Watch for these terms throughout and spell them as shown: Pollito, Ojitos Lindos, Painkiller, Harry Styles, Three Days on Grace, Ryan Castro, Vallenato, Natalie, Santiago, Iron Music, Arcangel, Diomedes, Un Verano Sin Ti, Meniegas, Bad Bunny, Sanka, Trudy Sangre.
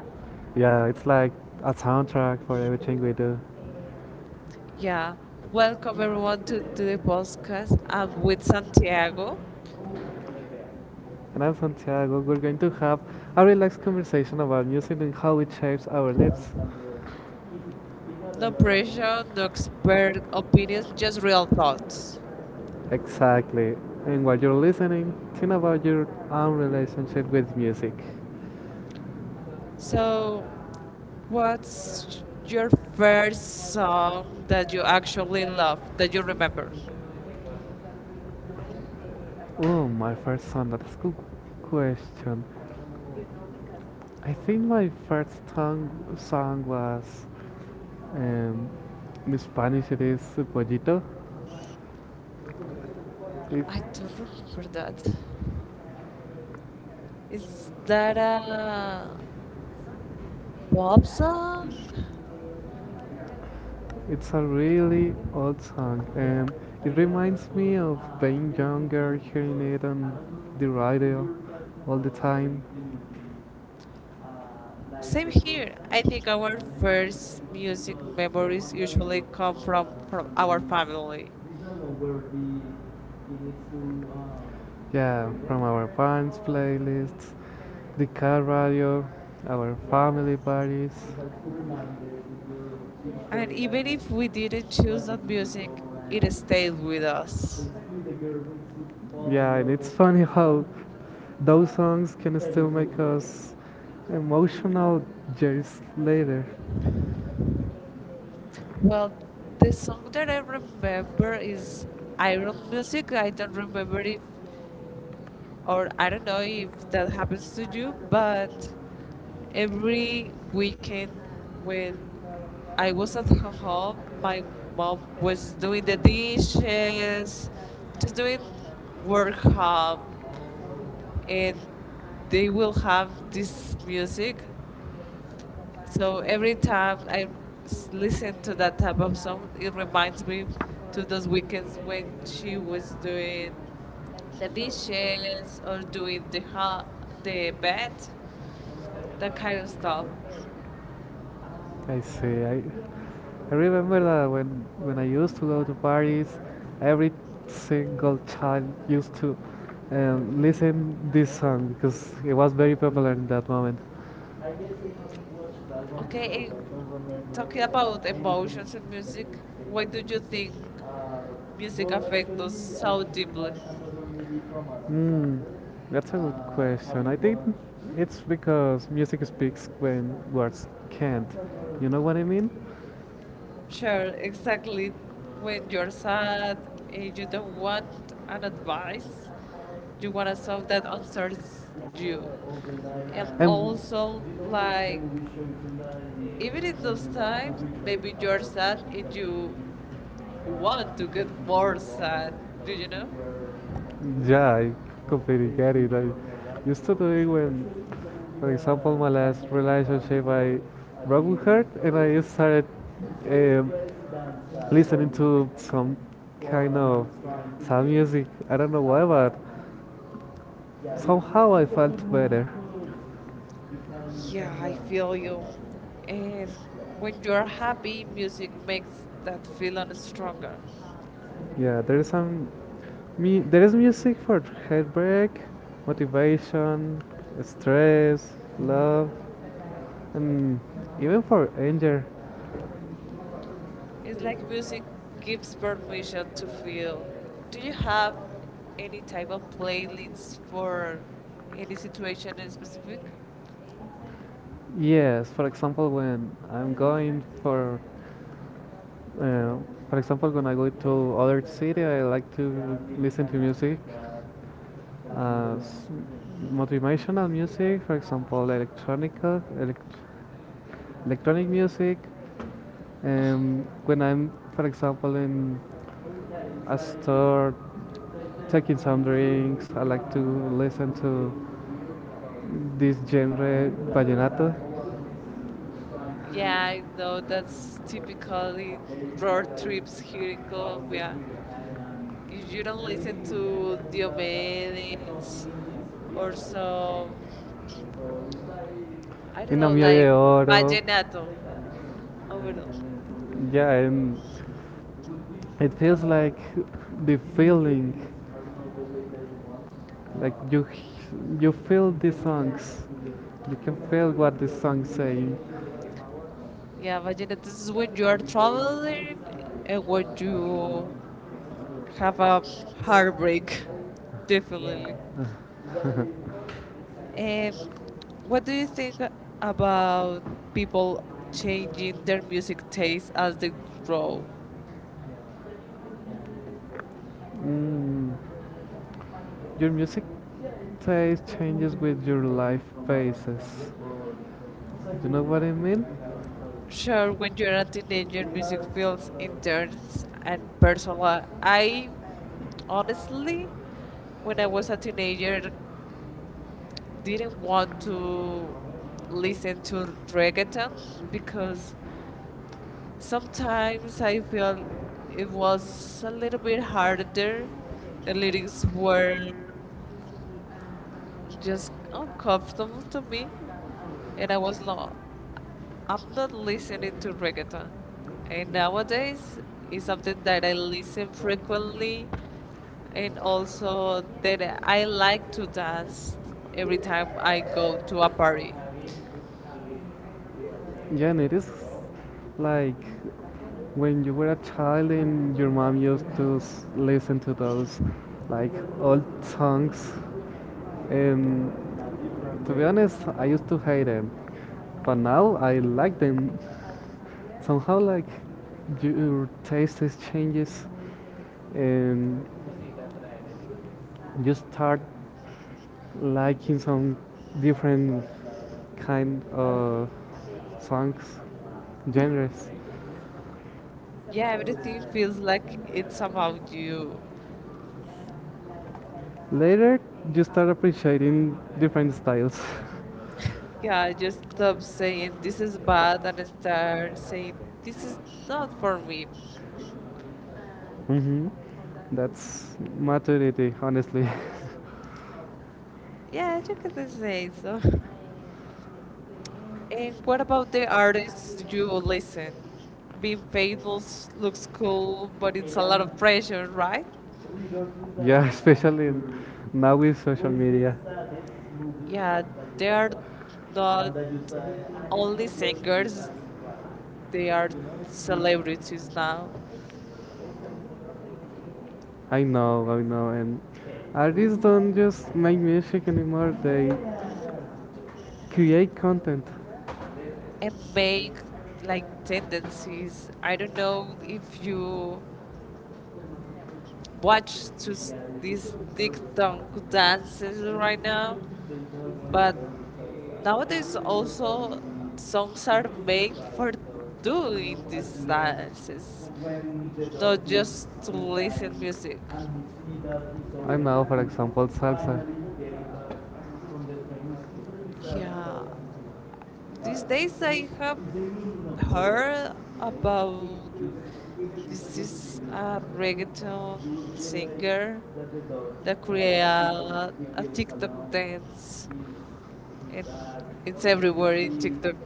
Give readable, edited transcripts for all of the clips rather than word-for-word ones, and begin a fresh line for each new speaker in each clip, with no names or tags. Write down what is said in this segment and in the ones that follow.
Yeah, it's like a soundtrack for everything we do.
Yeah. Welcome everyone to the podcast. I'm with Santiago.
And I'm Santiago. We're going to have a relaxed conversation about music and how it shapes our lives.
No pressure, no expert opinions, just real thoughts.
Exactly. And while you're listening, think about your own relationship with music.
So, what's your first song that you actually love, that you remember?
Oh, my first song. That's a good question. I think my first song was um, in Spanish. It is Pollito. It's
I don't remember that. Is that a pop song?
It's a really old song, and it reminds me of being younger, hearing it on the radio all the time.
Same here. I think our first music memories usually come from our family.
Yeah, from our parents' playlists, the car radio, our family parties.
And even if we didn't choose that music, it stayed with us.
Yeah, and it's funny how those songs can still make us emotional years later.
Well, the song that I remember is Iron Music. I don't remember if or I don't know if that happens to you, but every weekend when I was at her home, my mom was doing the dishes, just doing work home, and they will have this music. So every time I listen to that type of song, it reminds me to those weekends when she was doing the dishes or doing the bed, that kind of stuff.
I see. I remember that when I used to go to parties, every single child used to listen this song because it was very popular in that moment.
Okay, and talking about emotions and music, why do you think music affects us so deeply?
Hmm, that's a good question. I think it's because music speaks when words can't. You know what I mean?
Sure, exactly. When you're sad and you don't want an advice, you want a song that answers you. And
And
also, like, even in those times, maybe you're sad and you want to get more sad. Do you know?
yeah, I completely get it. I used to do it when, for example, my last relationship, I broke with her and I started um, listening to some kind of sad music. I don't know why, but somehow I felt better.
Yeah, I feel you. And when you're happy, music makes that feeling stronger.
Yeah, there is some me there is music for heartbreak, motivation, stress, love, and even for anger.
It's like music gives permission to feel. Do you have any type of playlists for any situation in specific?
Yes, for example, when I'm going uh, for example, when I go to other city, I like to listen to music as motivational music, for example, electronica, electronic music. When I'm, for example, in a store taking some drinks, I like to listen to this genre vallenato.
Yeah, I know that's typically road trips here in Colombia. If you don't listen to Diomedes or some I don't
Una
know,
mía de
like
oro.
Vallenato. Oh, no.
Yeah, and it feels like the feeling, like you feel the songs, you can feel what the songs saying.
Yeah, Vallenato. This is when you are traveling and when you have a heartbreak, definitely.
Yeah.
And what do you think about people changing their music taste as they grow?
Mm, your music taste changes with your life phases. You know what I mean?
Sure, when you're a teenager, music feels intense and personal. I honestly, when I was a teenager, didn't want to listen to reggaeton because sometimes I feel it was a little bit harder. The lyrics were just uncomfortable to me, and I was not. I'm not listening to reggaeton, and nowadays it's something that I listen frequently, and also that I like to dance every time I go to a party.
Yeah, and it is like when you were a child and your mom used to listen to those like old songs. And to be honest, I used to hate them, but now I like them. Somehow like your taste changes and you start liking some different kind of songs genres
Yeah, everything feels like it's about you.
later. You start appreciating different styles.
Yeah, just
Yeah,
stop saying this is bad and start saying this is not for me.
hmm that's maturity, honestly.
Yeah, you can say so. And what about the artists you listen? Being famous looks cool, but it's a lot of pressure, right?
Yeah, especially now with social media.
Yeah, they are not only singers, they are celebrities now
I know, and artists don't just make music anymore, they create content.
and make like tendencies. I don't know if you watch to these TikTok dances right now. But nowadays also songs are made for doing these dances, not just to listen music.
I know, for example, salsa.
Yeah, these days I have heard about this is a reggaeton singer that created a TikTok dance and it's everywhere in TikTok.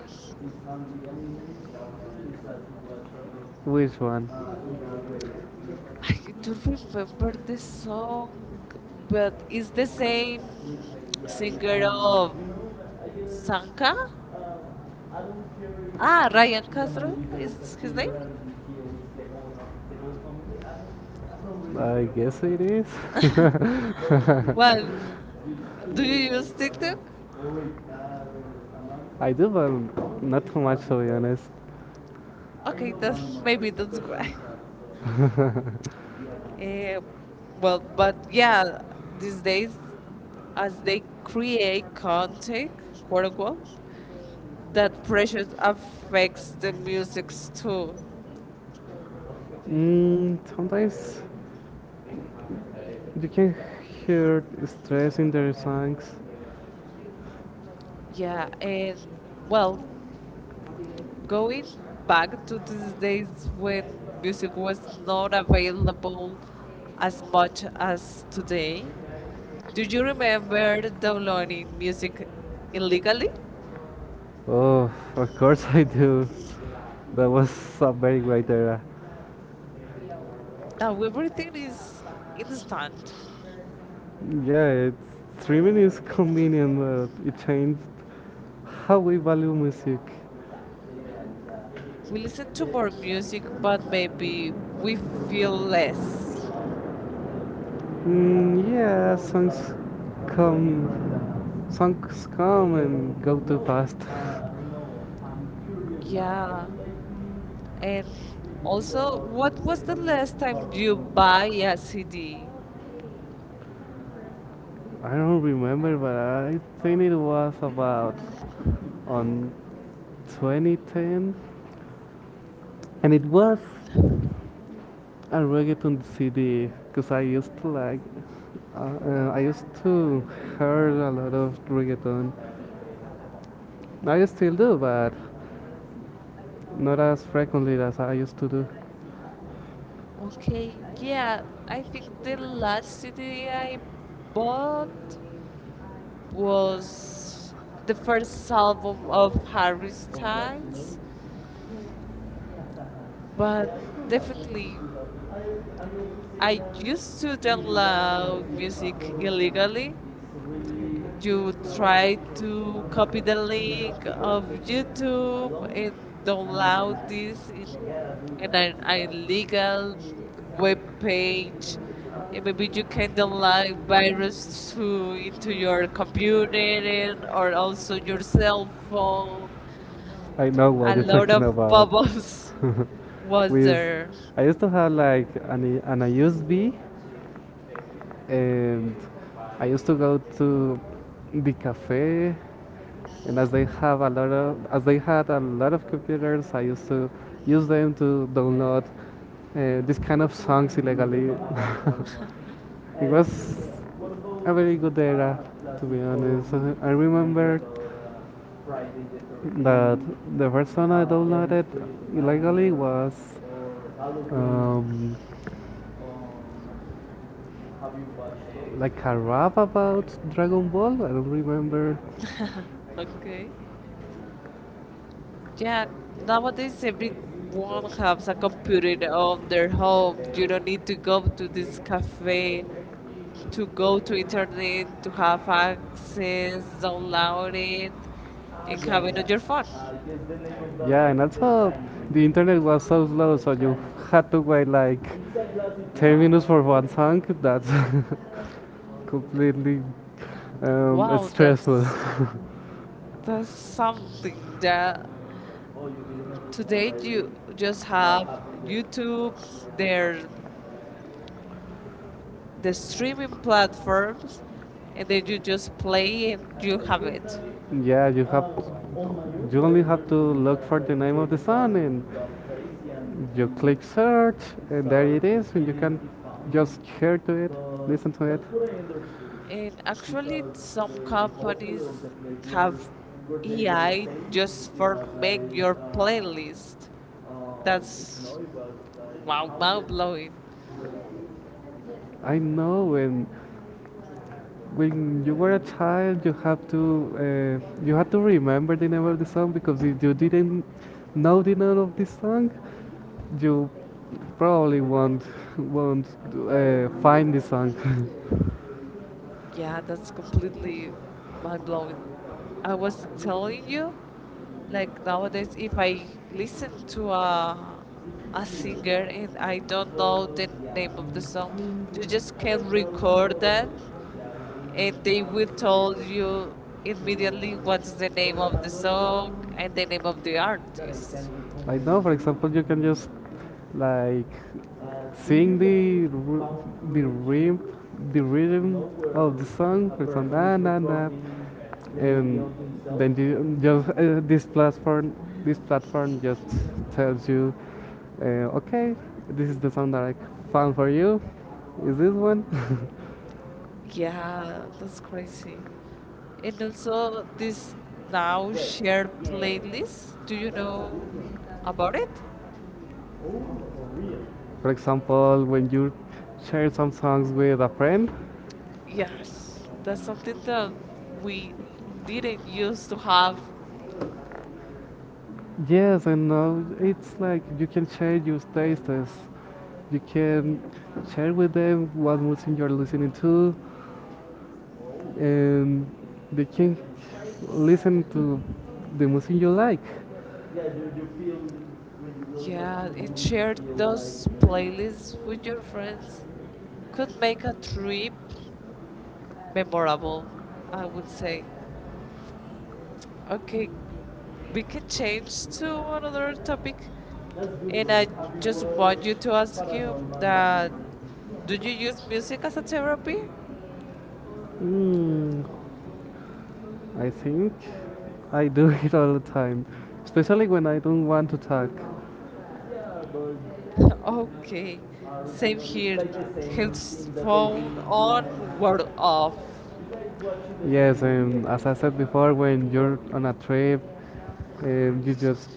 like Which one?
I don't remember the song, but it's the same singer of Sanka.
I
Ah, Ryan Castro is his name.
really guess it is.
Well, do you use TikTok?
I do, but not too much to be honest. I-
Okay, that's why.
uh,
Eh, well, but yeah, these days, as they create content, quote unquote, that pressure affects the musics too.
Mm, sometimes you can hear stress in their songs.
Yeah, and well, going back to these days when music was not available as much as today, do you remember downloading music illegally?
Oh, of course I do. That was a very great era.
Now everything is instant.
Yeah, it's, streaming is convenient, but it changed how we value music.
We listen to more music, but maybe we feel less.
Mm, yeah, come, songs come and go too fast.
Yeah. And also, what was the last time you buy a CD?
I don't remember, but I think it was about on 2010, and it was a reggaeton CD because I used to like, I used to hear a lot of reggaeton. I still do, but not as frequently as I used to do.
Okay, yeah, I think the last CD I bought was the first album of Harry Styles, but definitely I used to download music illegally, you try to copy the link of YouTube and download this in an illegal web page. And maybe you can download virus to into your computer and, or also your cell phone.
I know what
A
you're
lot
talking
of
about.
pop-ups was
With,
there.
I used to have like an USB, and I used to go to the cafe and as they had a lot of computers. I used to use them to download this kind of songs illegally. It was a very good era, to be honest. I remember that the first song I downloaded illegally was um, like a rap about Dragon Ball, I don't remember.
Okay. Yeah, nowadays everyone has a computer on their home. You don't need to go to this cafe, to go to internet, to have access, download it, and have it on your phone.
Yeah, and also the internet was so slow, so you had to wait like 10 minutes for one song. That's completely
Wow,
stressful.
that's something that today you just have YouTube, their the streaming platforms, and then you just play and you have it.
Yeah, you only have to look for the name of the song and you click search and there it is, and you can just share to it, listen to it.
And actually, some companies have AI just for make your playlist. That's wow, mind blowing.
I know when you were a child you have to you had to remember the name of the song because if you didn't know the name of the song you probably won't find the song.
Yeah, that's completely mind blowing. I was telling you, like nowadays, if I listen to a singer and I don't know the name of the song, you just can record that and they will tell you immediately what's the name of the song and the name of the artist.
Like now, for example, you can just like sing the rhythm of the song, for example, na na na, and then you just this platform just tells you, okay, this is the song that I found for you. Is this one?
Yeah, that's crazy. And also this now shared playlist. Do you know about it?
For example, when you share some songs with a friend.
Yes, that's something that we didn't used to have.
Yes, I know. It's like you can share your tastes. You can share with them what music you're listening to, and they can listen to the music you like. Yeah, you feel when you were
Yeah,
watching the
and
movie,
share
you feel
those
like
playlists with your friends could make a trip memorable, I would say. Okay, we can change to another topic.
that's
And I just want you to ask you that do you use music as a therapy?
Mm, I think I do. It all the time, especially when I don't want to talk.
Okay, same here. Headphone on, word off.
Yes, as I said before, when you're on a trip, you just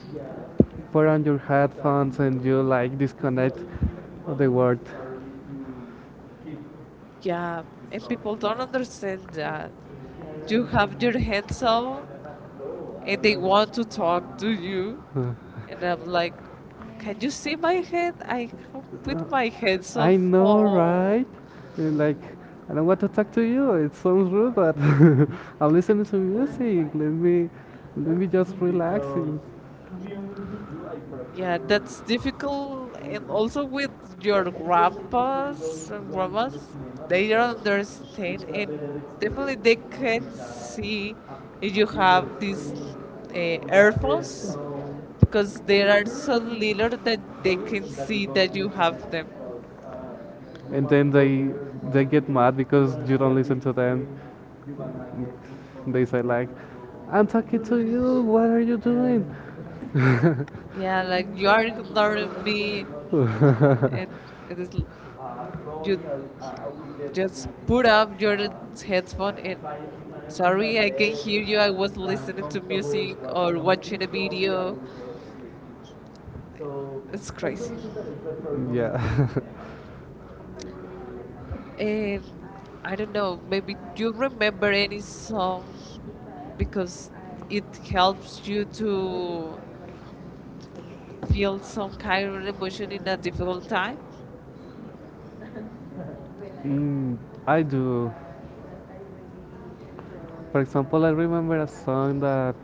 put on your headphones and you like disconnect the world.
Yeah, and people don't understand that. You have your hands up and they want to talk to you.
And
And I'm like, can you see my head? I have with my hands up.
I know,
Oh.
right? And like, I don't want to talk to you. It sounds rude, but I'm listening to music. Let me just relax.
Yeah, that's difficult. And also with your grandpas and grandmas, they don't understand, and definitely they can see if you have these earphones because they are so little that they can see that you have them.
And then they get mad because you don't listen to them. They say like, "I'm talking to you. What are you doing?"
Yeah, like you are ignoring me, and it is you just put up your headphone and sorry, I can not hear you. I was listening to music or watching a video. It's crazy.
Yeah,
And I don't know, maybe you remember any song because it helps you to feel some kind of emotion in a difficult time.
Mm, I do. For example, I remember a song that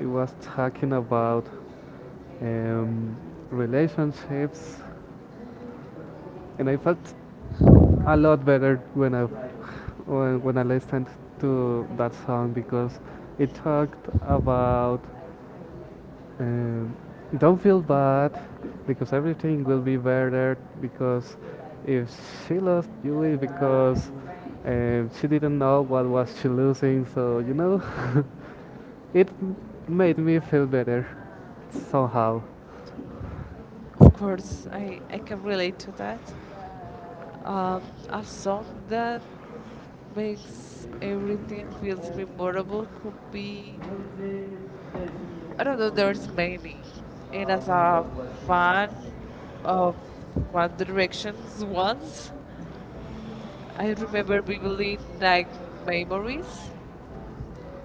it was talking about um, relationships, and I felt a lot better when I when I listened to that song because it talked about. Um, don't feel bad because everything will be better because if she lost you it's because she didn't know what was she losing, so you know. it m- made me feel better somehow.
Of course, I can relate to that. Um, a song that makes everything feels memorable could be I don't know. There's many, and as a fan of One Direction's once, I remember vividly like memories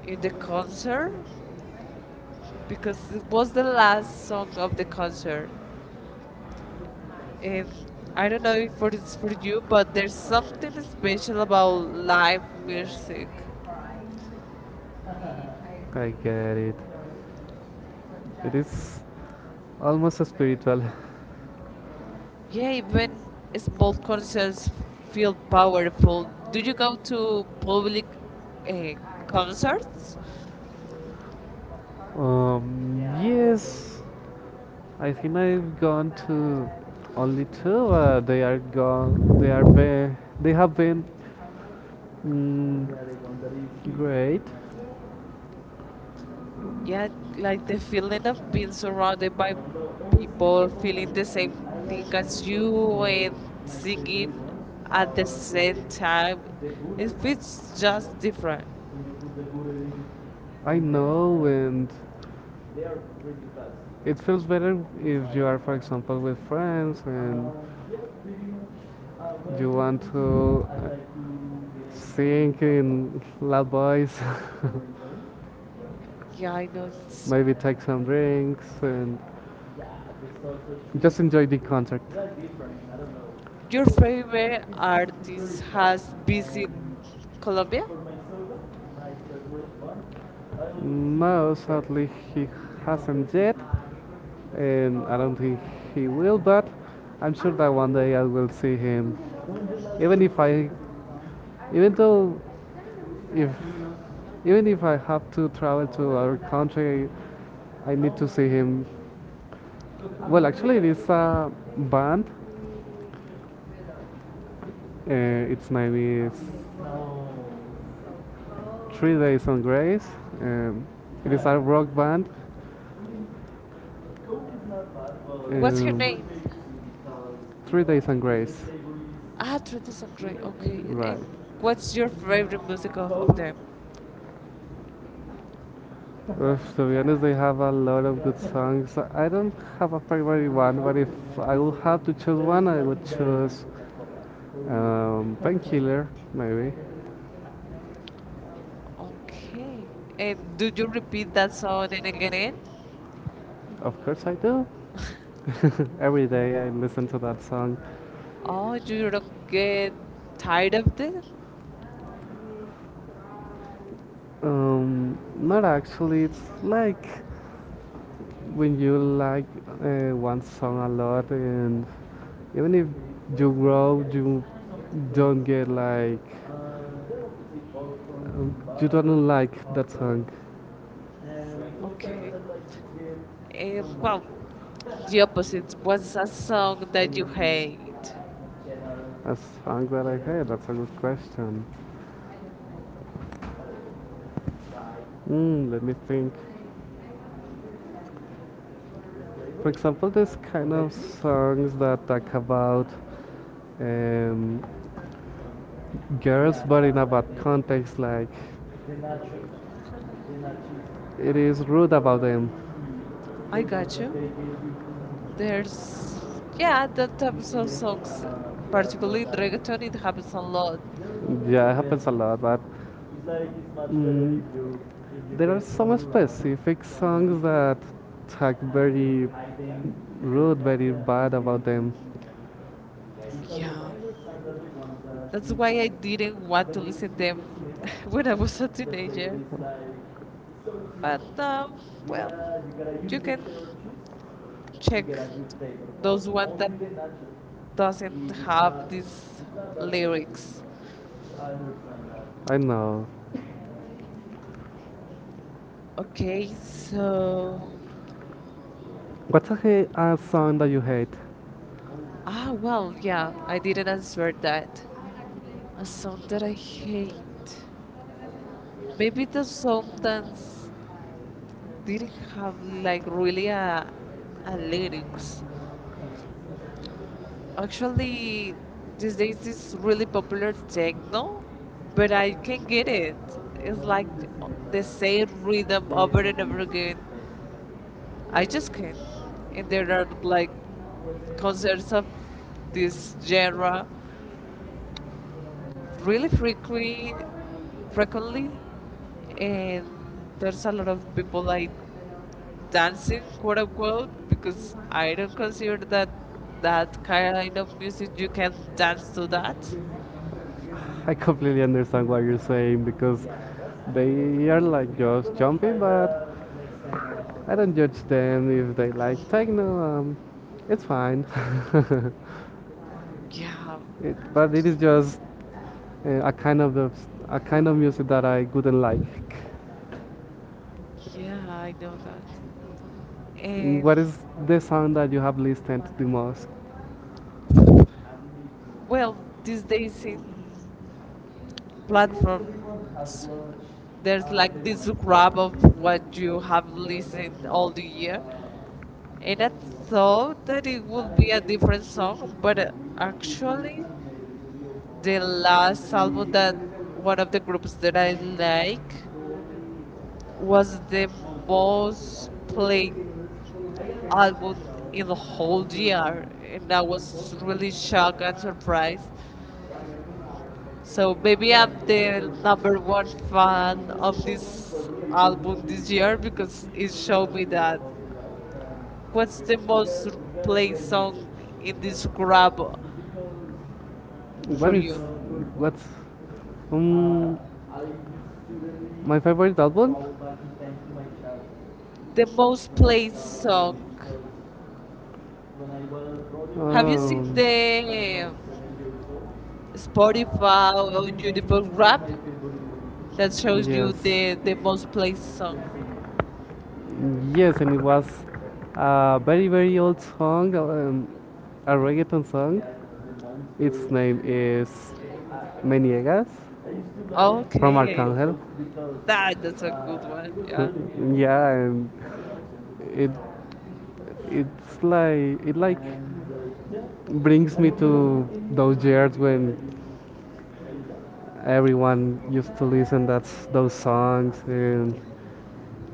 in the concert because it was the last song of the concert, and I don't know if for it's for you, but there's something special about live music.
I get it, it is almost spiritual.
Yeah, even small concerts feel powerful. Do you go to public uh, concerts?
Yes, I think I've gone to only two. They are gone. They are been. They have been mm, great.
Yeah, like the feeling of being surrounded by people feeling the same thing as you and singing at the same time, it feels just different.
I know, and it feels better if you are, for example, with friends and you want to sing in loud voice.
Yeah, I know it's
Maybe take some drinks and just enjoy the concert.
your favorite artist has visited Colombia.
No, sadly he hasn't yet, and I don't think he will. But I'm sure that one day I will see him. Even if I, even though, if even if I have to travel to other country, I need to see him. Well, actually, it is a band. Its name is no. Three Days on Grace. Um, it is a rock band.
What's her
Um,
name?
Three Days on Grace.
Ah, Trudy Sangre. Okay,
Right.
and what's your favorite music of
Coke,
them?
to be honest, they have a lot of good songs. I don't have a favorite one, but if I would have to choose one, I would choose Painkiller, maybe.
Okay, and do you repeat that song and again?
Of course, I do. Every day I listen to that song.
Oh, you don't get tired of this?
Not actually, it's like when you like one song a lot, and even if you grow, you don't get like you don't like that song.
Okay. Well, the opposite. What's a song that you hate?
A song that I hate. That's a good question. Let me think. For example, this kind of songs that talk about um, girls, but in a bad context. Like it is rude about them.
I got you. There's, yeah, that types of songs, particularly in reggaeton, it happens a lot.
Yeah, it happens a lot, but like mm, there are some specific songs that talk very behind rude, very bad about them.
Yeah,
like
that's why I didn't want to listen them when I was a
like
teenager.
so
But well, you can check those ones that doesn't have these lyrics.
I I know.
Okay, so
What's a song that you hate?
well, yeah, I didn't answer that. A song that I hate. Maybe the song that didn't have like really a lyrics. Actually, these days is really popular techno, but I can't get it. It's like the same rhythm over and over again. I just can't. And there are like concerts of this genre, really frequently, and there's a lot of people like
Dancing
dancing,
for
quote
a while,
unquote, because
because I
I
don't
don't consider
consider that
that
that
that
kind
kind
of
of music
music you
you
can
can dance to
dance to
that.
that. I completely understand what you're saying because they are like just jumping, but I don't judge them if they like techno. Um, it's fine.
Yeah,
But it is just a kind of a kind of music that I wouldn't like.
yeah, I know that. And
What is the sound that you have listened to the most?
well, these days in platforms, there's like this grab of what you have listened all the year, and I thought that it would be a different song, but actually, the last album that one of the groups that I like was the most played album in the whole year, and I was really shocked and surprised. So maybe I'm the number one fan of this album this year because it showed me that what's the most played song in this grab
What
for
is
you?
what? um, my favorite album?
The most played song. Have you seen
Um,
the Spotify or YouTube rap that shows you
yes.
the most played song?
Yes, and it was a very very old song, a reggaeton song. Its name is Meniegas from
Okay,
Arcangel.
that's a good one. Yeah.
Yeah, and it it's like it like brings me to those years when everyone used to listen that's those songs and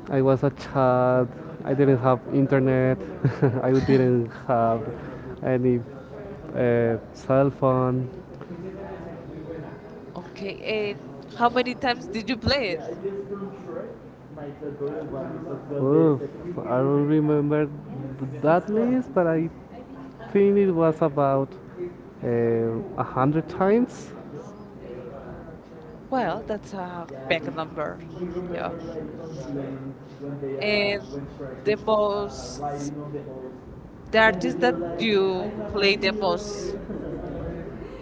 I was a child. I didn't have internet. I didn't have any cell phone.
Okay, and how many times did you play it?
Oof, I don't remember that list, but I think it was about a hundred times.
Well, that's a big number. Yeah. And the most the artist that you play the most.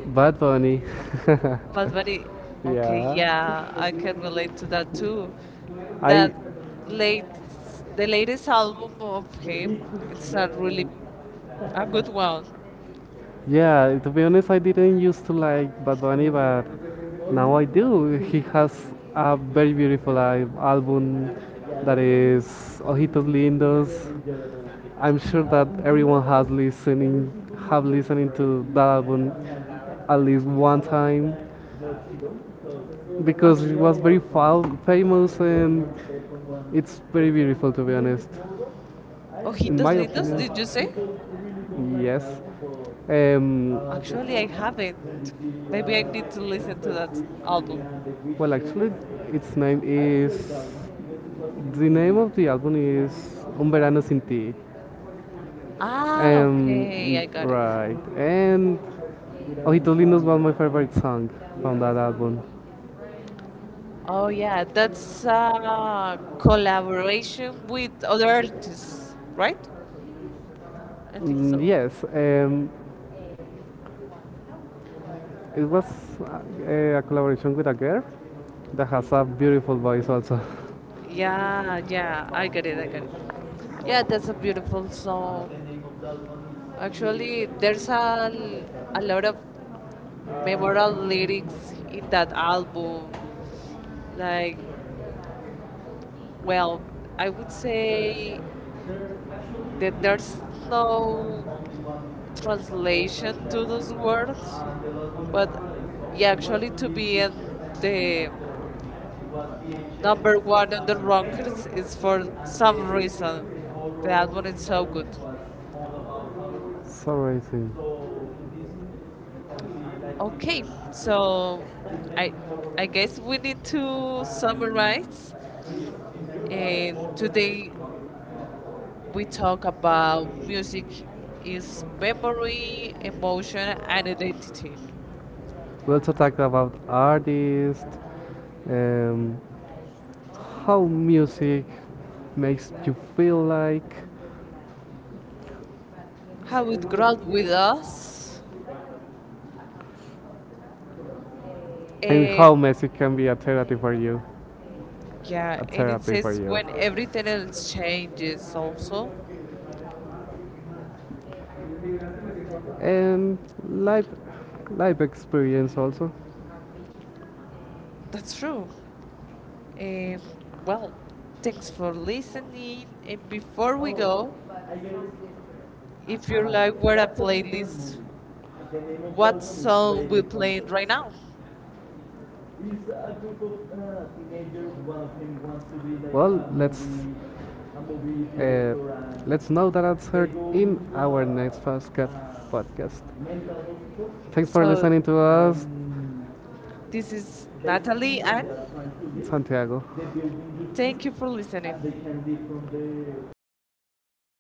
Bad Bunny. Yeah.
But very okay,
Yeah,
yeah, I can relate to that too.
I
That late, the latest album of him, it's a really a good one.
yeah, to be honest, I didn't used to like Bad Bunny, but now I do. He has a very beautiful album that is Ojitos Lindos. I'm sure
Okay.
that everyone has listening have listening to that album at least one time because
Act-
it was very famous and it's very beautiful to be honest, in
Ojitos
my
Lindos,
opinion.
did you say?
Yes, um,
Actually, I haven't. Maybe I need to listen to that album.
well, actually, its name is. The name of the album is Un Verano Sin Ti.
Ah, okay,
And.
I got it.
Right. And. Ojitos Lindos was my favorite song from that album.
Oh yeah, that's a collaboration with other artists, right? I think so.
Yes, it was a collaboration with a girl that has a beautiful voice also.
Yeah, yeah, I got it, I got it. Yeah, that's a beautiful song. Actually, there's a lot of memorable lyrics in that album. Like, well, I would say that there's no translation to those words, but yeah, actually, to be in the number one on the rankings is for some reason. That one is so good.
So amazing.
Okay, so I I guess we need to summarize. And today we talk about music is memory, emotion, and identity.
We also talked about artists. Um, how music makes you feel like,
How it grows with us,
and
and
how music can be a therapy for you.
yeah,
A
and it
therapy for
says
you.
when everything else changes. Also,
And life life experience also.
that's true. Um, well, thanks for listening. And before we go, if you like what a playlist, what song we're playing right now?
Is a group of teenagers, one of them wants to be like. Well, a let's movie, a movie, let's know that answer in our a next podcast. Thanks for
So
listening to us. Mm.
this is Natalie, and
Santiago.
thank you for listening.